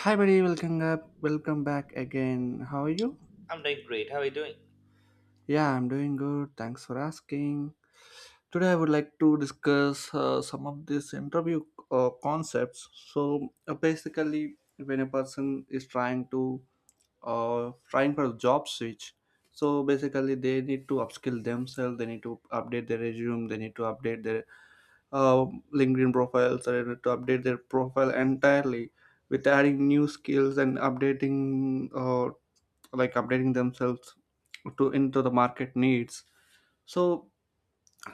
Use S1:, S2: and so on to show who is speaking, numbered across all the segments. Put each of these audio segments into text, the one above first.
S1: Hi, buddy. Welcome up. Welcome back again. How are you?
S2: I'm doing great. How are you doing?
S1: Yeah, I'm doing good. Thanks for asking. Today, I would like to discuss some of these interview concepts. Basically, when a person is trying to trying for a job switch, so basically they need to upskill themselves. They need to update their resume. They need to update their uh, LinkedIn profiles or to update their profile entirely with adding new skills and updating like updating themselves to into the market needs. So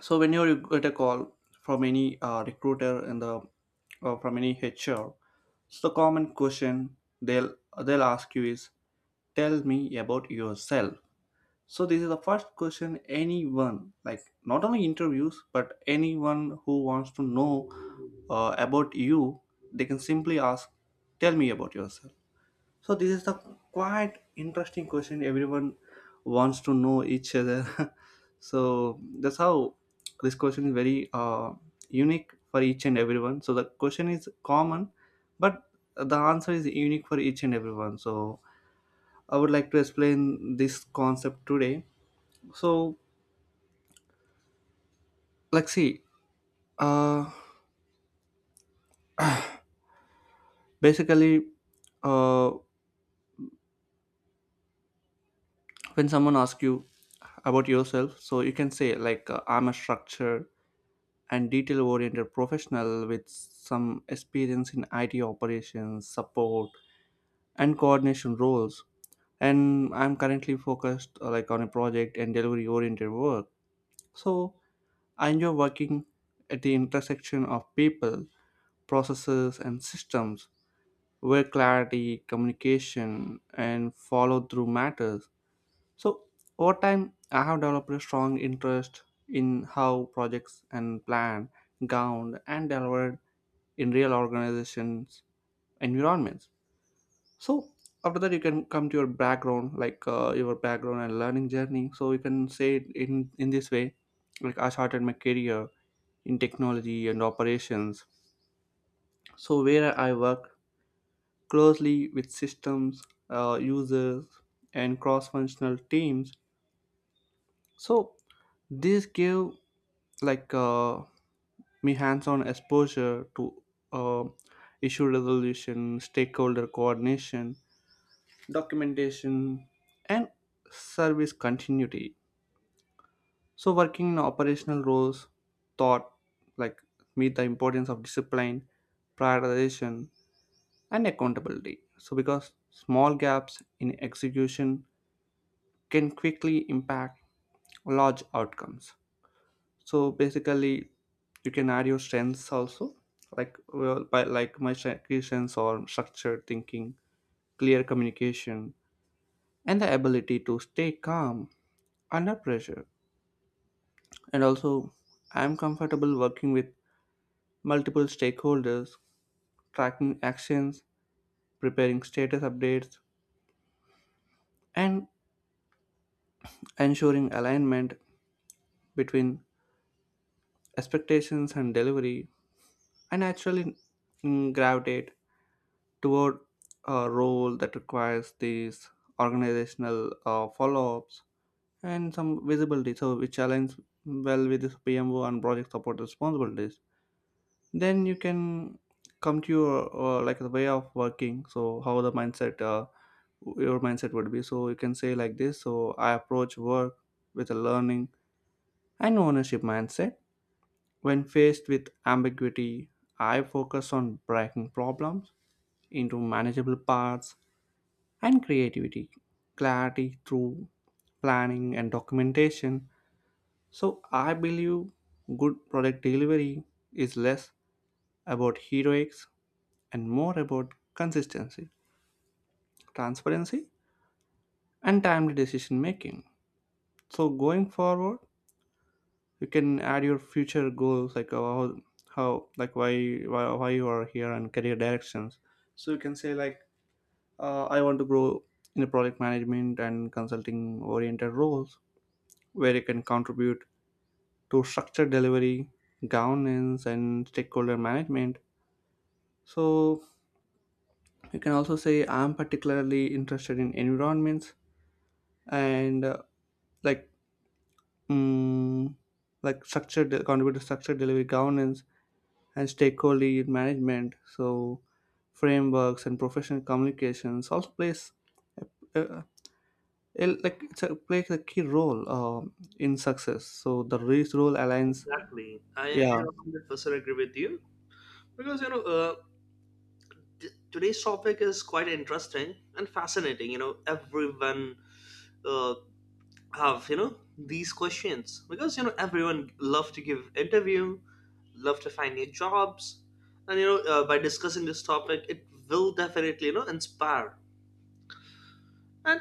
S1: so when you get a call from any recruiter in the from any HR, so the common question they'll ask you is, tell me about yourself. So this is the first question anyone, like not only interviews, but anyone who wants to know about you, they can simply ask, "Tell me about yourself." So this is the quite interesting question everyone wants to know each other. So that's how this question is very unique for each and everyone. So the question is common, but the answer is unique for each and everyone. So I would like to explain this concept today, so, like, see, uh, basically, uh, when someone asks you about yourself, so you can say, like, I'm a structure and detail oriented professional with some experience in IT operations, support, and coordination roles. And I'm currently focused like on a project and delivery oriented work. So I enjoy working at the intersection of people, processes, and systems where clarity, communication, and follow through matters. So, over time, I have developed a strong interest in how projects and plan, governed, and delivered in real organizations environments. So, after that, you can come to your background, like your background and learning journey. So, you can say it in this way like, I started my career in technology and operations. So, where I work closely with systems, users, and cross-functional teams. So this gave like uh, me hands-on exposure to uh, issue resolution, stakeholder coordination, documentation, and service continuity. So working in operational roles taught like me the importance of discipline, prioritization, and accountability. So because small gaps in execution can quickly impact large outcomes. So basically, you can add your strengths also, like well, by like key strengths or structured thinking, clear communication, and the ability to stay calm under pressure. And also, I am comfortable working with multiple stakeholders, tracking actions, preparing status updates, and ensuring alignment between expectations and delivery. I naturally gravitate toward a role that requires these organizational follow-ups and some visibility so which aligns well with this PMO and project support responsibilities. Then you can come to your like the way of working, so how the mindset, your mindset would be. So you can say like this. So I approach work with a learning and ownership mindset. When faced with ambiguity, I focus on breaking problems into manageable parts and creativity, clarity through planning and documentation. So I believe good product delivery is less about heroics and more about consistency, transparency, and timely decision making. So going forward, you can add your future goals like how like why you are here and career directions. So you can say like, I want to grow in a product management and consulting oriented roles where it can contribute to structured delivery, governance, and stakeholder management. So you can also say I'm particularly interested in environments and like mm, structured contribute to structured delivery governance and stakeholder management. So frameworks and professional communications also plays uh, like it's a, plays a key role in success. So the risk role aligns,
S2: Exactly, I
S1: yeah.
S2: 100% agree with you because today's topic is quite interesting and fascinating. Everyone uh, have these questions because everyone love to give interview, love to find new jobs, and by discussing this topic, it will definitely inspire and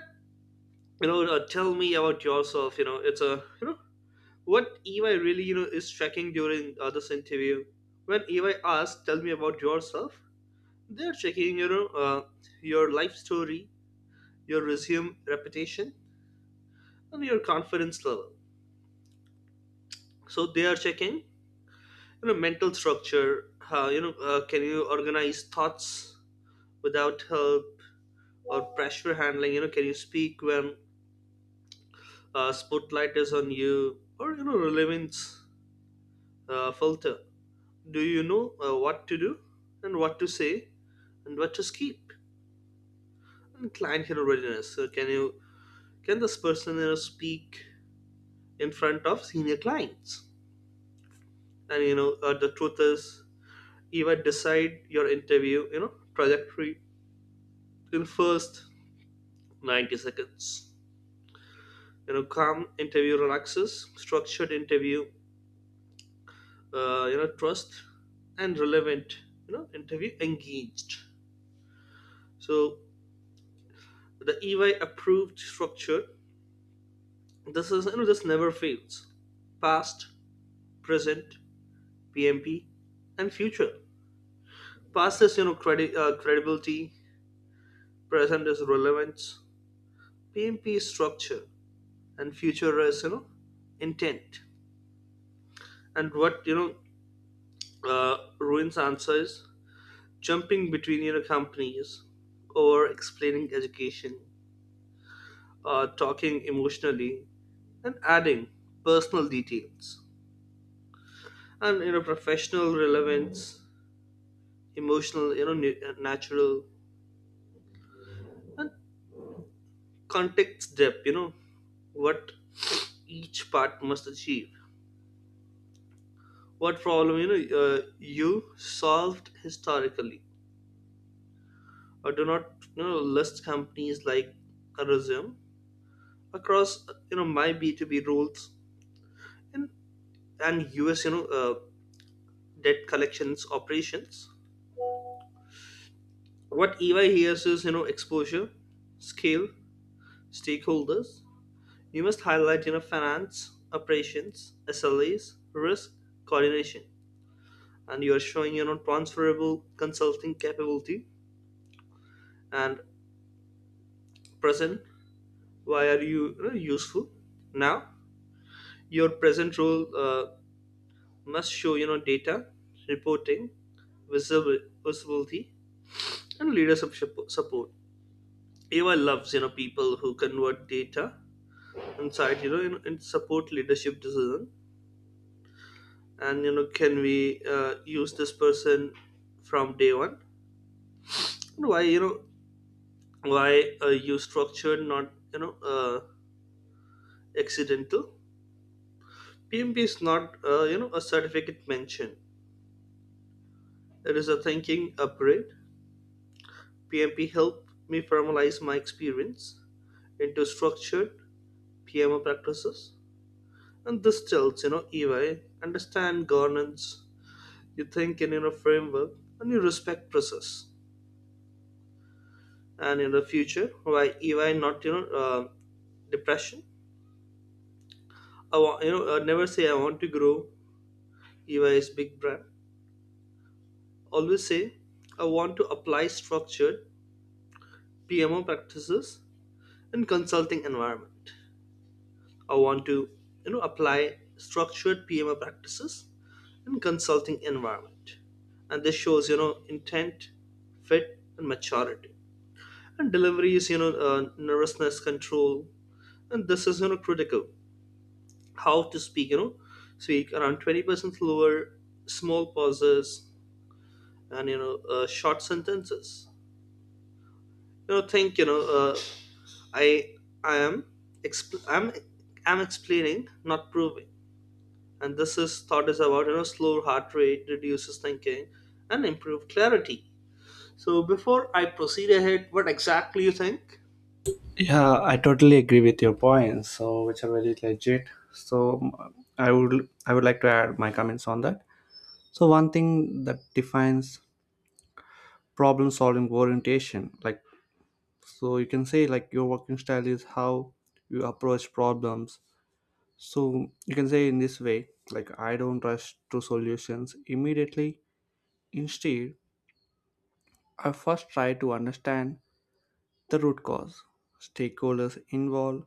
S2: tell me about yourself. It's a what EY really is checking during this interview. When EY asks, "Tell me about yourself," they're checking uh, your life story, your resume, reputation, and your confidence level. So they are checking mental structure. Can you organize thoughts without help or pressure handling? Can you speak when spotlight is on you, or relevance filter? Do you know what to do and what to say, and what to skip. And client hero readiness. So can this person, you know, speak in front of senior clients? And the truth is, you might decide your interview trajectory in first 90 seconds. Calm interview relaxes, structured interview, trust and relevant, interview engaged. So the EY approved structure. This is, this never fails. Past, present, PMP, and future. Past is credibility, present is relevance, PMP is structure, and future is intent. And what ruins answers, jumping between companies, or explaining education, talking emotionally, and adding personal details and professional relevance, emotional natural context depth. What each part must achieve: what problem you solved historically, or do not list companies like a resume across my B2B rules, and and us debt collections operations. What EY hears is exposure, scale, stakeholders. You must highlight finance, operations, SLAs, risk, coordination, and you are showing transferable consulting capability. And present: why are you useful now. Your present role must show data, reporting, visible visibility, and leadership support. AI loves people who convert data inside, in support leadership decision, and can we use this person from day one. And why you structured, not accidental. PMP is not, a certificate mention. It is a thinking upgrade. PMP helped me formalize my experience into structured PMO practices, and this tells EY understand governance. You think in framework, and you respect process. And in the future, why EY, not depression? I want, I never say I want to grow. EY is big brand. Always say I want to apply structured PMO practices in consulting environment. I want to apply structured PMO practices in consulting environment, and this shows intent, fit, and maturity. And delivery is nervousness control, and this is critical. How to speak: around 20% lower, small pauses, and short sentences. Think. I I am expl- I'm I'm explaining, not proving. And this is thought is about slow heart rate reduces thinking and improve clarity. So before I proceed ahead, what exactly you think?
S1: Yeah, I totally agree with your points, so which are very legit. So I would like to add my comments on that. So one thing that defines problem solving orientation, like, so you can say like your working style is how you approach problems. So you can say in this way, like, I don't rush to solutions immediately. Instead, I first try to understand the root cause, stakeholders involved,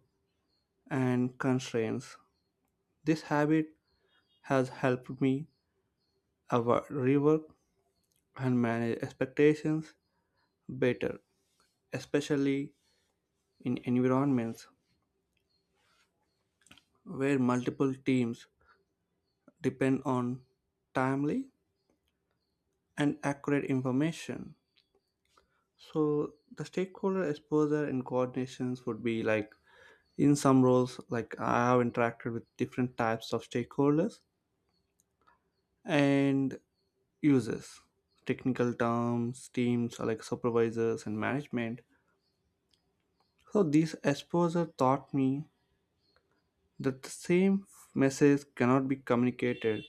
S1: and constraints. This habit has helped me rework and manage expectations better, especially in environments where multiple teams depend on timely and accurate information. So the stakeholder exposure and coordinations would be like, in some roles, like I have interacted with different types of stakeholders and users, technical terms, teams, or like supervisors and management. So this exposure taught me that the same message cannot be communicated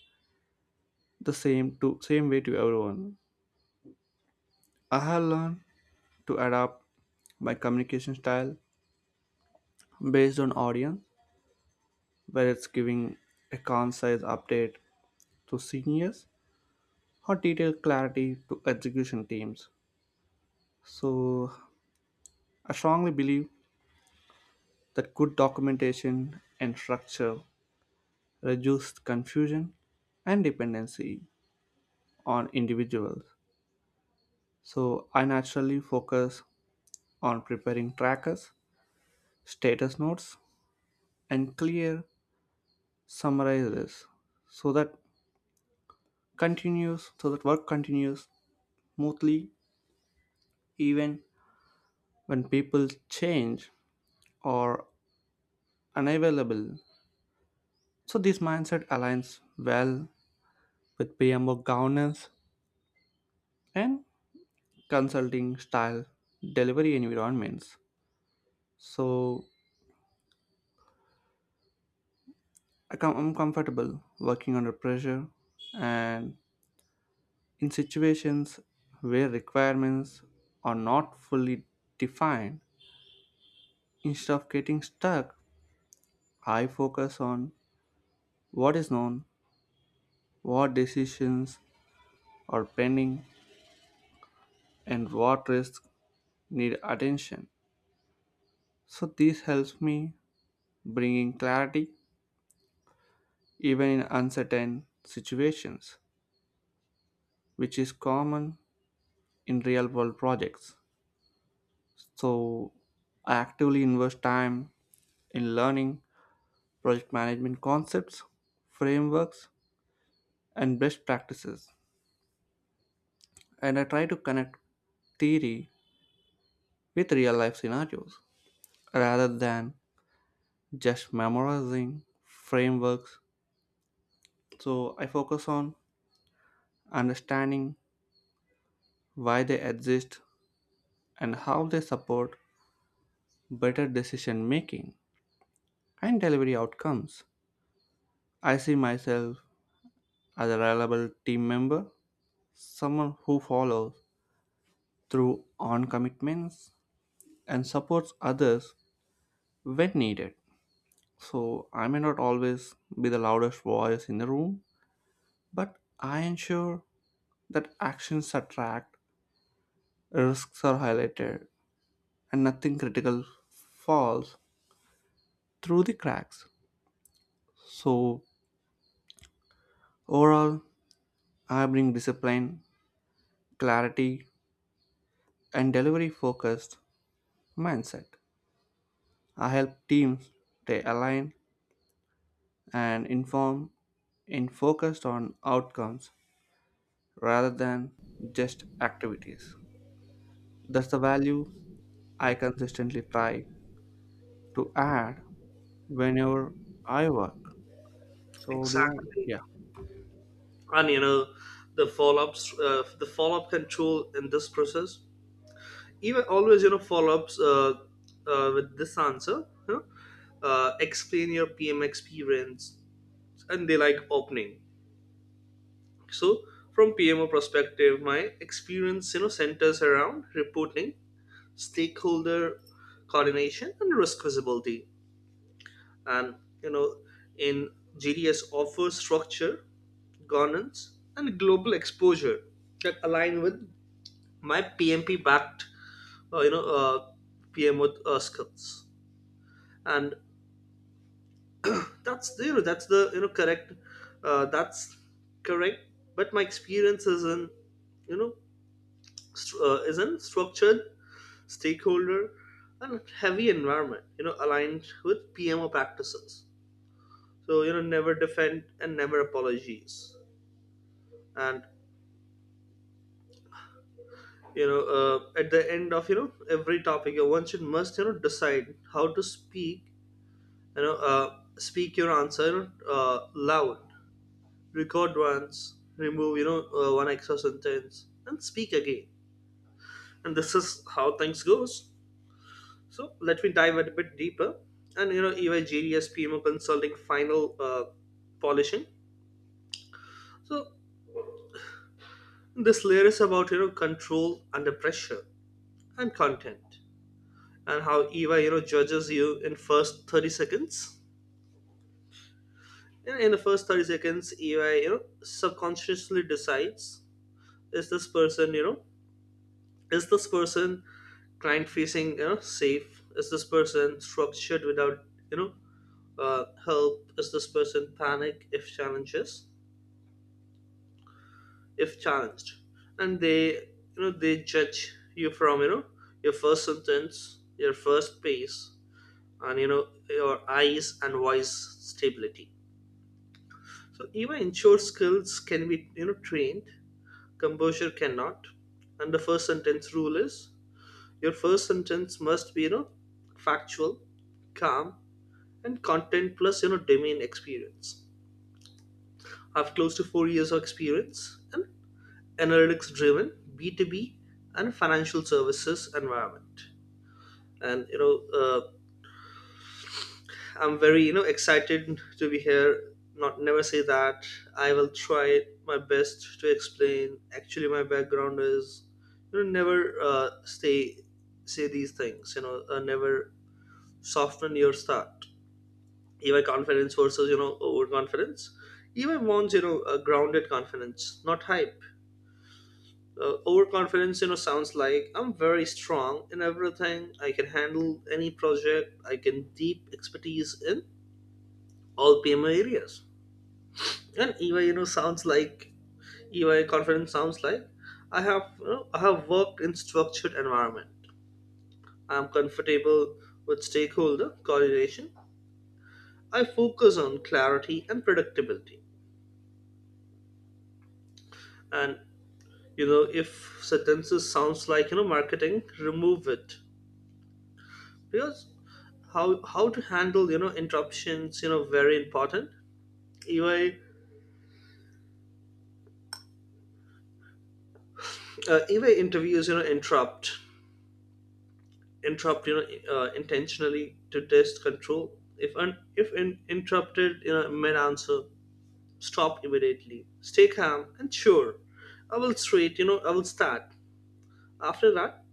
S1: the same to same way to everyone. I have learned to adapt my communication style based on audience, whether it's giving a concise update to seniors or detailed clarity to execution teams. So I strongly believe that good documentation and structure reduce confusion and dependency on individuals. So I naturally focus on preparing trackers, status notes, and clear summarizes so that work continues smoothly even when people change or unavailable. So this mindset aligns well with PMO governance and consulting style delivery environments. So I'm comfortable working under pressure and in situations where requirements are not fully defined. Instead of getting stuck, I focus on what is known, what decisions are pending, and what risks need attention. So this helps me bringing clarity even in uncertain situations, which is common in real world projects. So I actively invest time in learning project management concepts, frameworks, and best practices. And I try to connect theory with real life scenarios rather than just memorizing frameworks. So I focus on understanding why they exist and how they support better decision making and delivery outcomes. I see myself as a reliable team member, someone who follows through on commitments and supports others when needed. So I may not always be the loudest voice in the room, but I ensure that actions are tracked, risks are highlighted, and nothing critical falls through the cracks. So overall, I bring discipline, clarity, and delivery focused mindset. I help teams stay aligned and inform and focused on outcomes rather than just activities. That's the value I consistently try to add whenever I work. So do I.
S2: Exactly,
S1: Yeah.
S2: and the follow ups, the follow up control in this process. Even always follow ups with this answer. Explain your PM experience, and they like opening. So from PMO perspective, my experience centers around reporting, stakeholder coordination, and risk visibility. And you know, in GDS offers structure, governance, and global exposure that align with my PMP backed uh, you know uh, PMO skills. And that's the correct that's correct. But my experience is in you know structured, stakeholder, and heavy environment, aligned with PMO practices. So never defend and never apologies. And at the end of every topic, one should must decide how to speak. Speak your answer loud, record once, remove one extra sentence, and speak again. And this is how things goes. So let me dive a bit deeper. And EYGDS PMO consulting final polishing. So this layer is about control under pressure and content, and how EY judges you in first 30 seconds. In the first 30 seconds, EY subconsciously decides: is this person is this person client facing, safe? Is this person structured without you know help? Is this person panic if challenges, if challenged? And they judge you from your first sentence, your first pace, and your eyes and voice stability. So even insured skills can be trained, composure cannot. And the first sentence rule is: your first sentence must be factual, calm, and content, plus domain experience. I have close to 4 years of experience and analytics driven B2B and financial services environment. And I'm very excited to be here, not never say that. I will try my best to explain actually my background is never stay, say these things never soften your start. EY confidence versus overconfidence. EY wants a grounded confidence, not hype. Overconfidence, sounds like, I'm very strong in everything. I can handle any project. I can deep expertise in all PMO areas. And EY sounds like, EY confidence sounds like, I have worked in structured environment. I'm comfortable with stakeholder coordination. I focus on clarity and predictability. And if sentences sounds like marketing, remove it. Because how to handle interruptions very important. Eva uh, eva interviews interrupt intentionally to test control. If interrupted, mid answer, stop immediately, stay calm and sure, I will straight, I will start after that.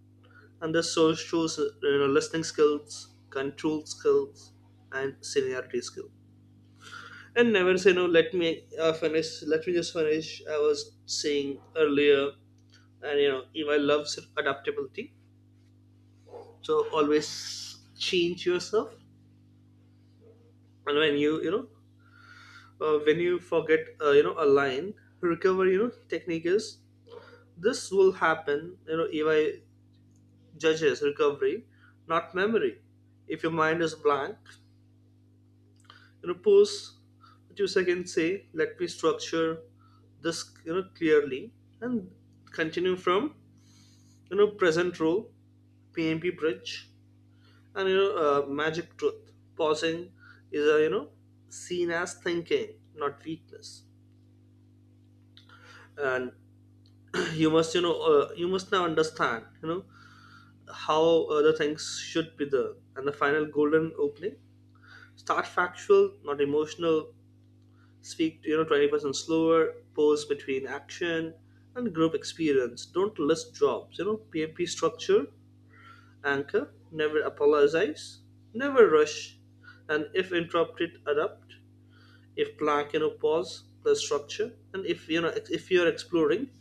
S2: And this shows, listening skills, control skills, and seniority skills. And never say no, let me finish, let me just finish I was saying earlier. And eva loves adaptability. So always change yourself. And when you forget a line, recover, technique is, this will happen. Eva judges recovery, not memory. If your mind is blank, pose that you can say, let me structure this clearly, and continue from present role, PMP bridge, and, magic truth. Pausing is, a, seen as thinking, not weakness. And you must now understand how the things should be done. And the final golden opening: start factual, not emotional, Speak 20% slower, pause between action, and group experience. Don't list jobs, PMP structure, anchor, never apologize, never rush, and if interrupted, adapt. If blank, pause the structure. And if you're exploring,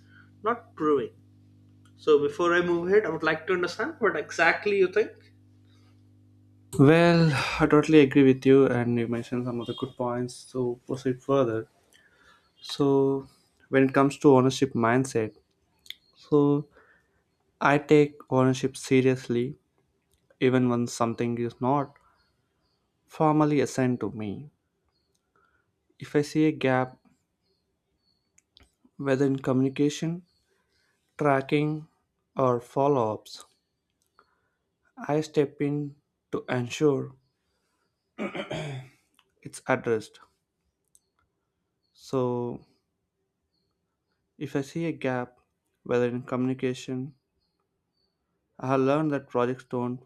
S2: not proving. So before I move ahead, I would like to understand what exactly you think.
S1: Well, I totally agree with you, and you mentioned some of the good points. So proceed further. So when it comes to ownership mindset, so I take ownership seriously, even when something is not formally assigned to me. If I see a gap, whether in communication, tracking, or follow ups, I step in to ensure it's addressed. So, if I see a gap, whether in communication, I have learned that projects don't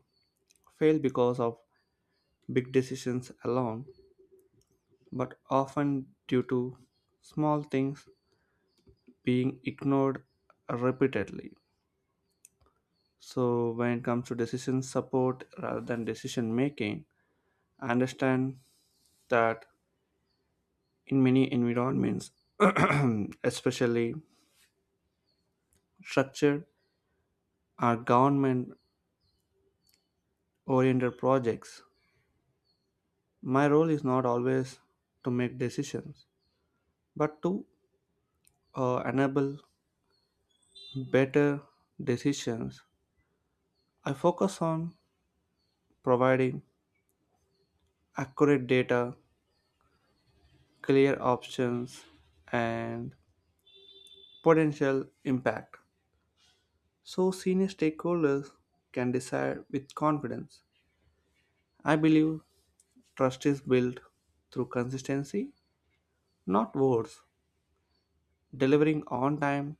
S1: fail because of big decisions alone, but often due to small things being ignored repeatedly. So, when it comes to decision support rather than decision making, I understand that in many environments, especially structured or government oriented projects, my role is not always to make decisions, but to enable better decisions. I focus on providing accurate data, clear options, and potential impact so senior stakeholders can decide with confidence. I believe trust is built through consistency, not words. Delivering on time,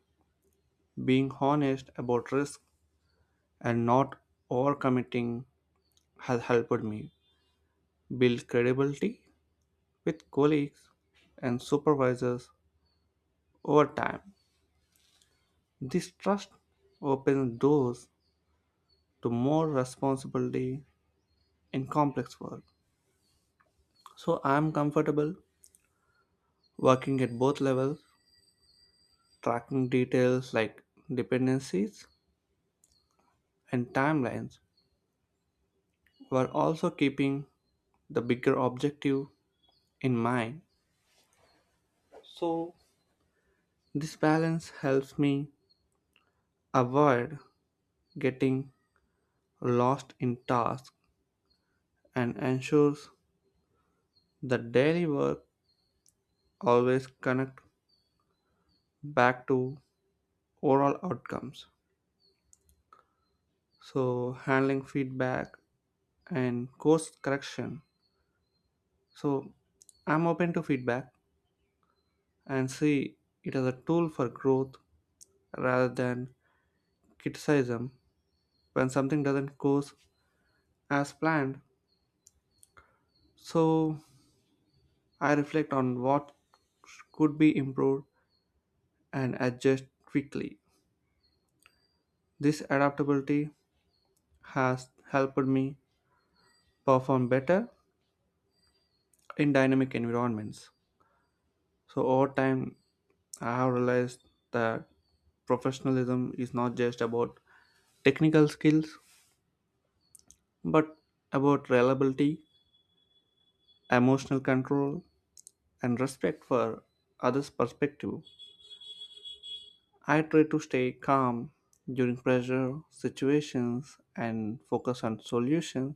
S1: being honest about risk, and not overcommitting has helped me build credibility with colleagues and supervisors over time. This trust opens doors to more responsibility in complex work. So I'm comfortable working at both levels, tracking details like dependencies and timelines, while also keeping the bigger objective in mind. So this balance helps me avoid getting lost in tasks and ensures that daily work always connect back to overall outcomes. So, handling feedback and course correction, so I'm open to feedback and see it as a tool for growth rather than criticism. When something doesn't go as planned, so I reflect on what could be improved and adjust quickly. This adaptability has helped me perform better in dynamic environments. So over time, I have realized that professionalism is not just about technical skills, but about reliability, emotional control, and respect for others' perspective. I try to stay calm during pressure situations and focus on solutions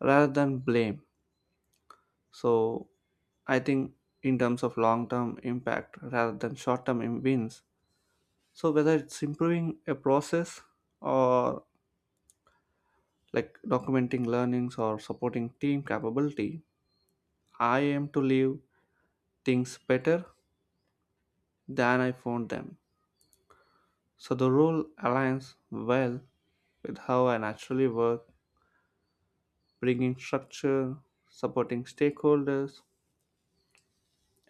S1: rather than blame. So I think in terms of long-term impact rather than short-term wins, so whether it's improving a process or like documenting learnings or supporting team capability, I aim to leave things better than I found them. So the role aligns well with how I naturally work, bringing structure, supporting stakeholders,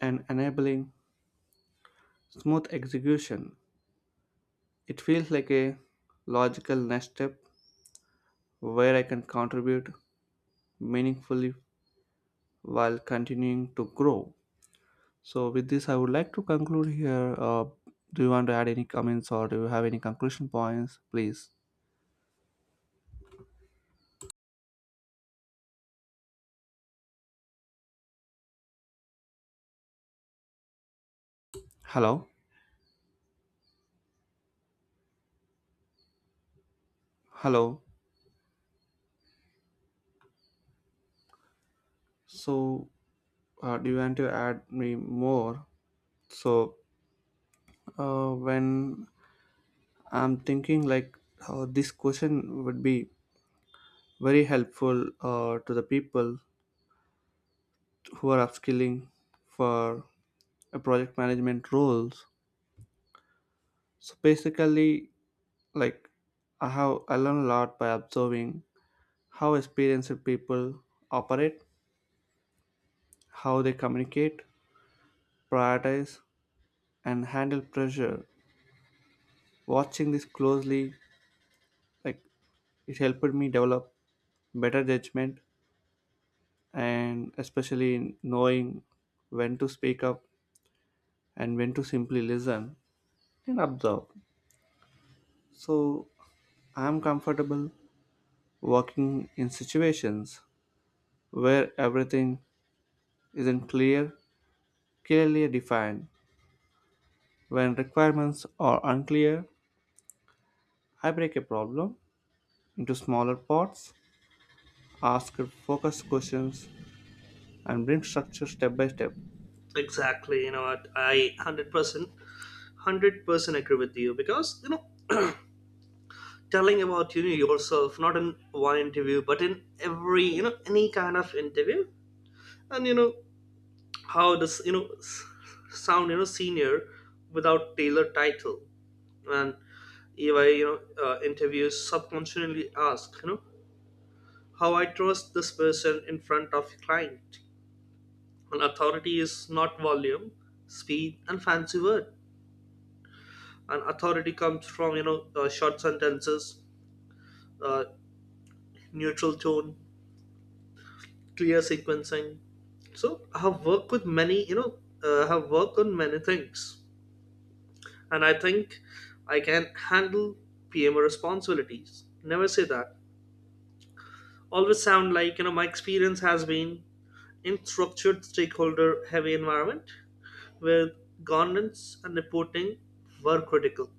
S1: and enabling smooth execution. It feels like a logical next step where I can contribute meaningfully while continuing to grow. So, with this, I would like to conclude here. Do you want to add any comments or do you have any conclusion points, please? Hello, hello. So, do you want to add me more? So, when I'm thinking like this question would be very helpful to the people who are upskilling for a project management roles. So basically, like, I learn a lot by observing how experienced people operate, how they communicate, prioritize, and handle pressure. Watching this closely, like, it helped me develop better judgment and especially in knowing when to speak up and when to simply listen and observe. So I'm comfortable working in situations where everything isn't clear, clearly defined. When requirements are unclear, I break a problem into smaller parts, ask focused questions, and bring structure step by step.
S2: Exactly, you know what? I 100%, 100% agree with you because telling about yourself, not in one interview but in every any kind of interview. And how does sound senior without tailored title. And if I interviews subconsciously ask, how I trust this person in front of client. And authority is not volume, speed, and fancy word. And authority comes from short sentences uh, neutral tone, clear sequencing. So I have worked with many, I have worked on many things, and I think I can handle PMO responsibilities. Never say that. Always sound like my experience has been in structured stakeholder heavy environment where governance and reporting were critical.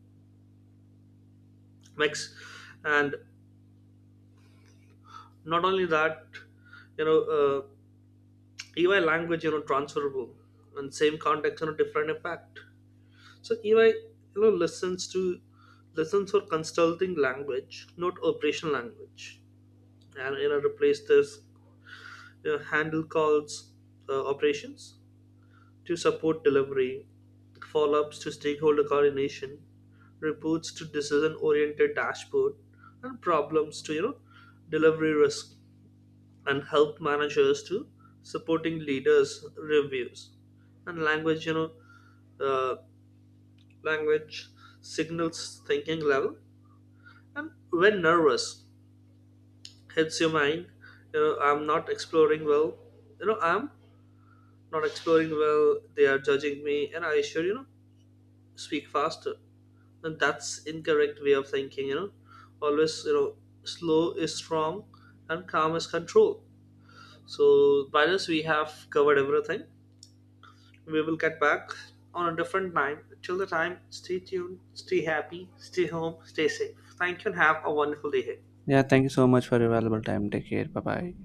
S2: Mix, and not only that, you know, uh, EY language transferable, and same context different impact. So EYknow, listens to listens for consulting language, not operational language. And replace this handle calls operations to support delivery, follow-ups to stakeholder coordination, reports to decision-oriented dashboard, and problems to delivery risk, and help managers to supporting leaders reviews, and language you know uh, language signals thinking level. And when nervous hits your mind, I'm not exploring well. I'm not exploring well. They are judging me, and I should, speak faster. And that's incorrect way of thinking. Always, slow is strong, and calm is control. So by this, we have covered everything. We will get back on a different time. Till the time, stay tuned, stay happy, stay home, stay safe. Thank you, and have a wonderful day ahead.
S1: Yeah, thank you so much for your valuable time. Take care. Bye bye.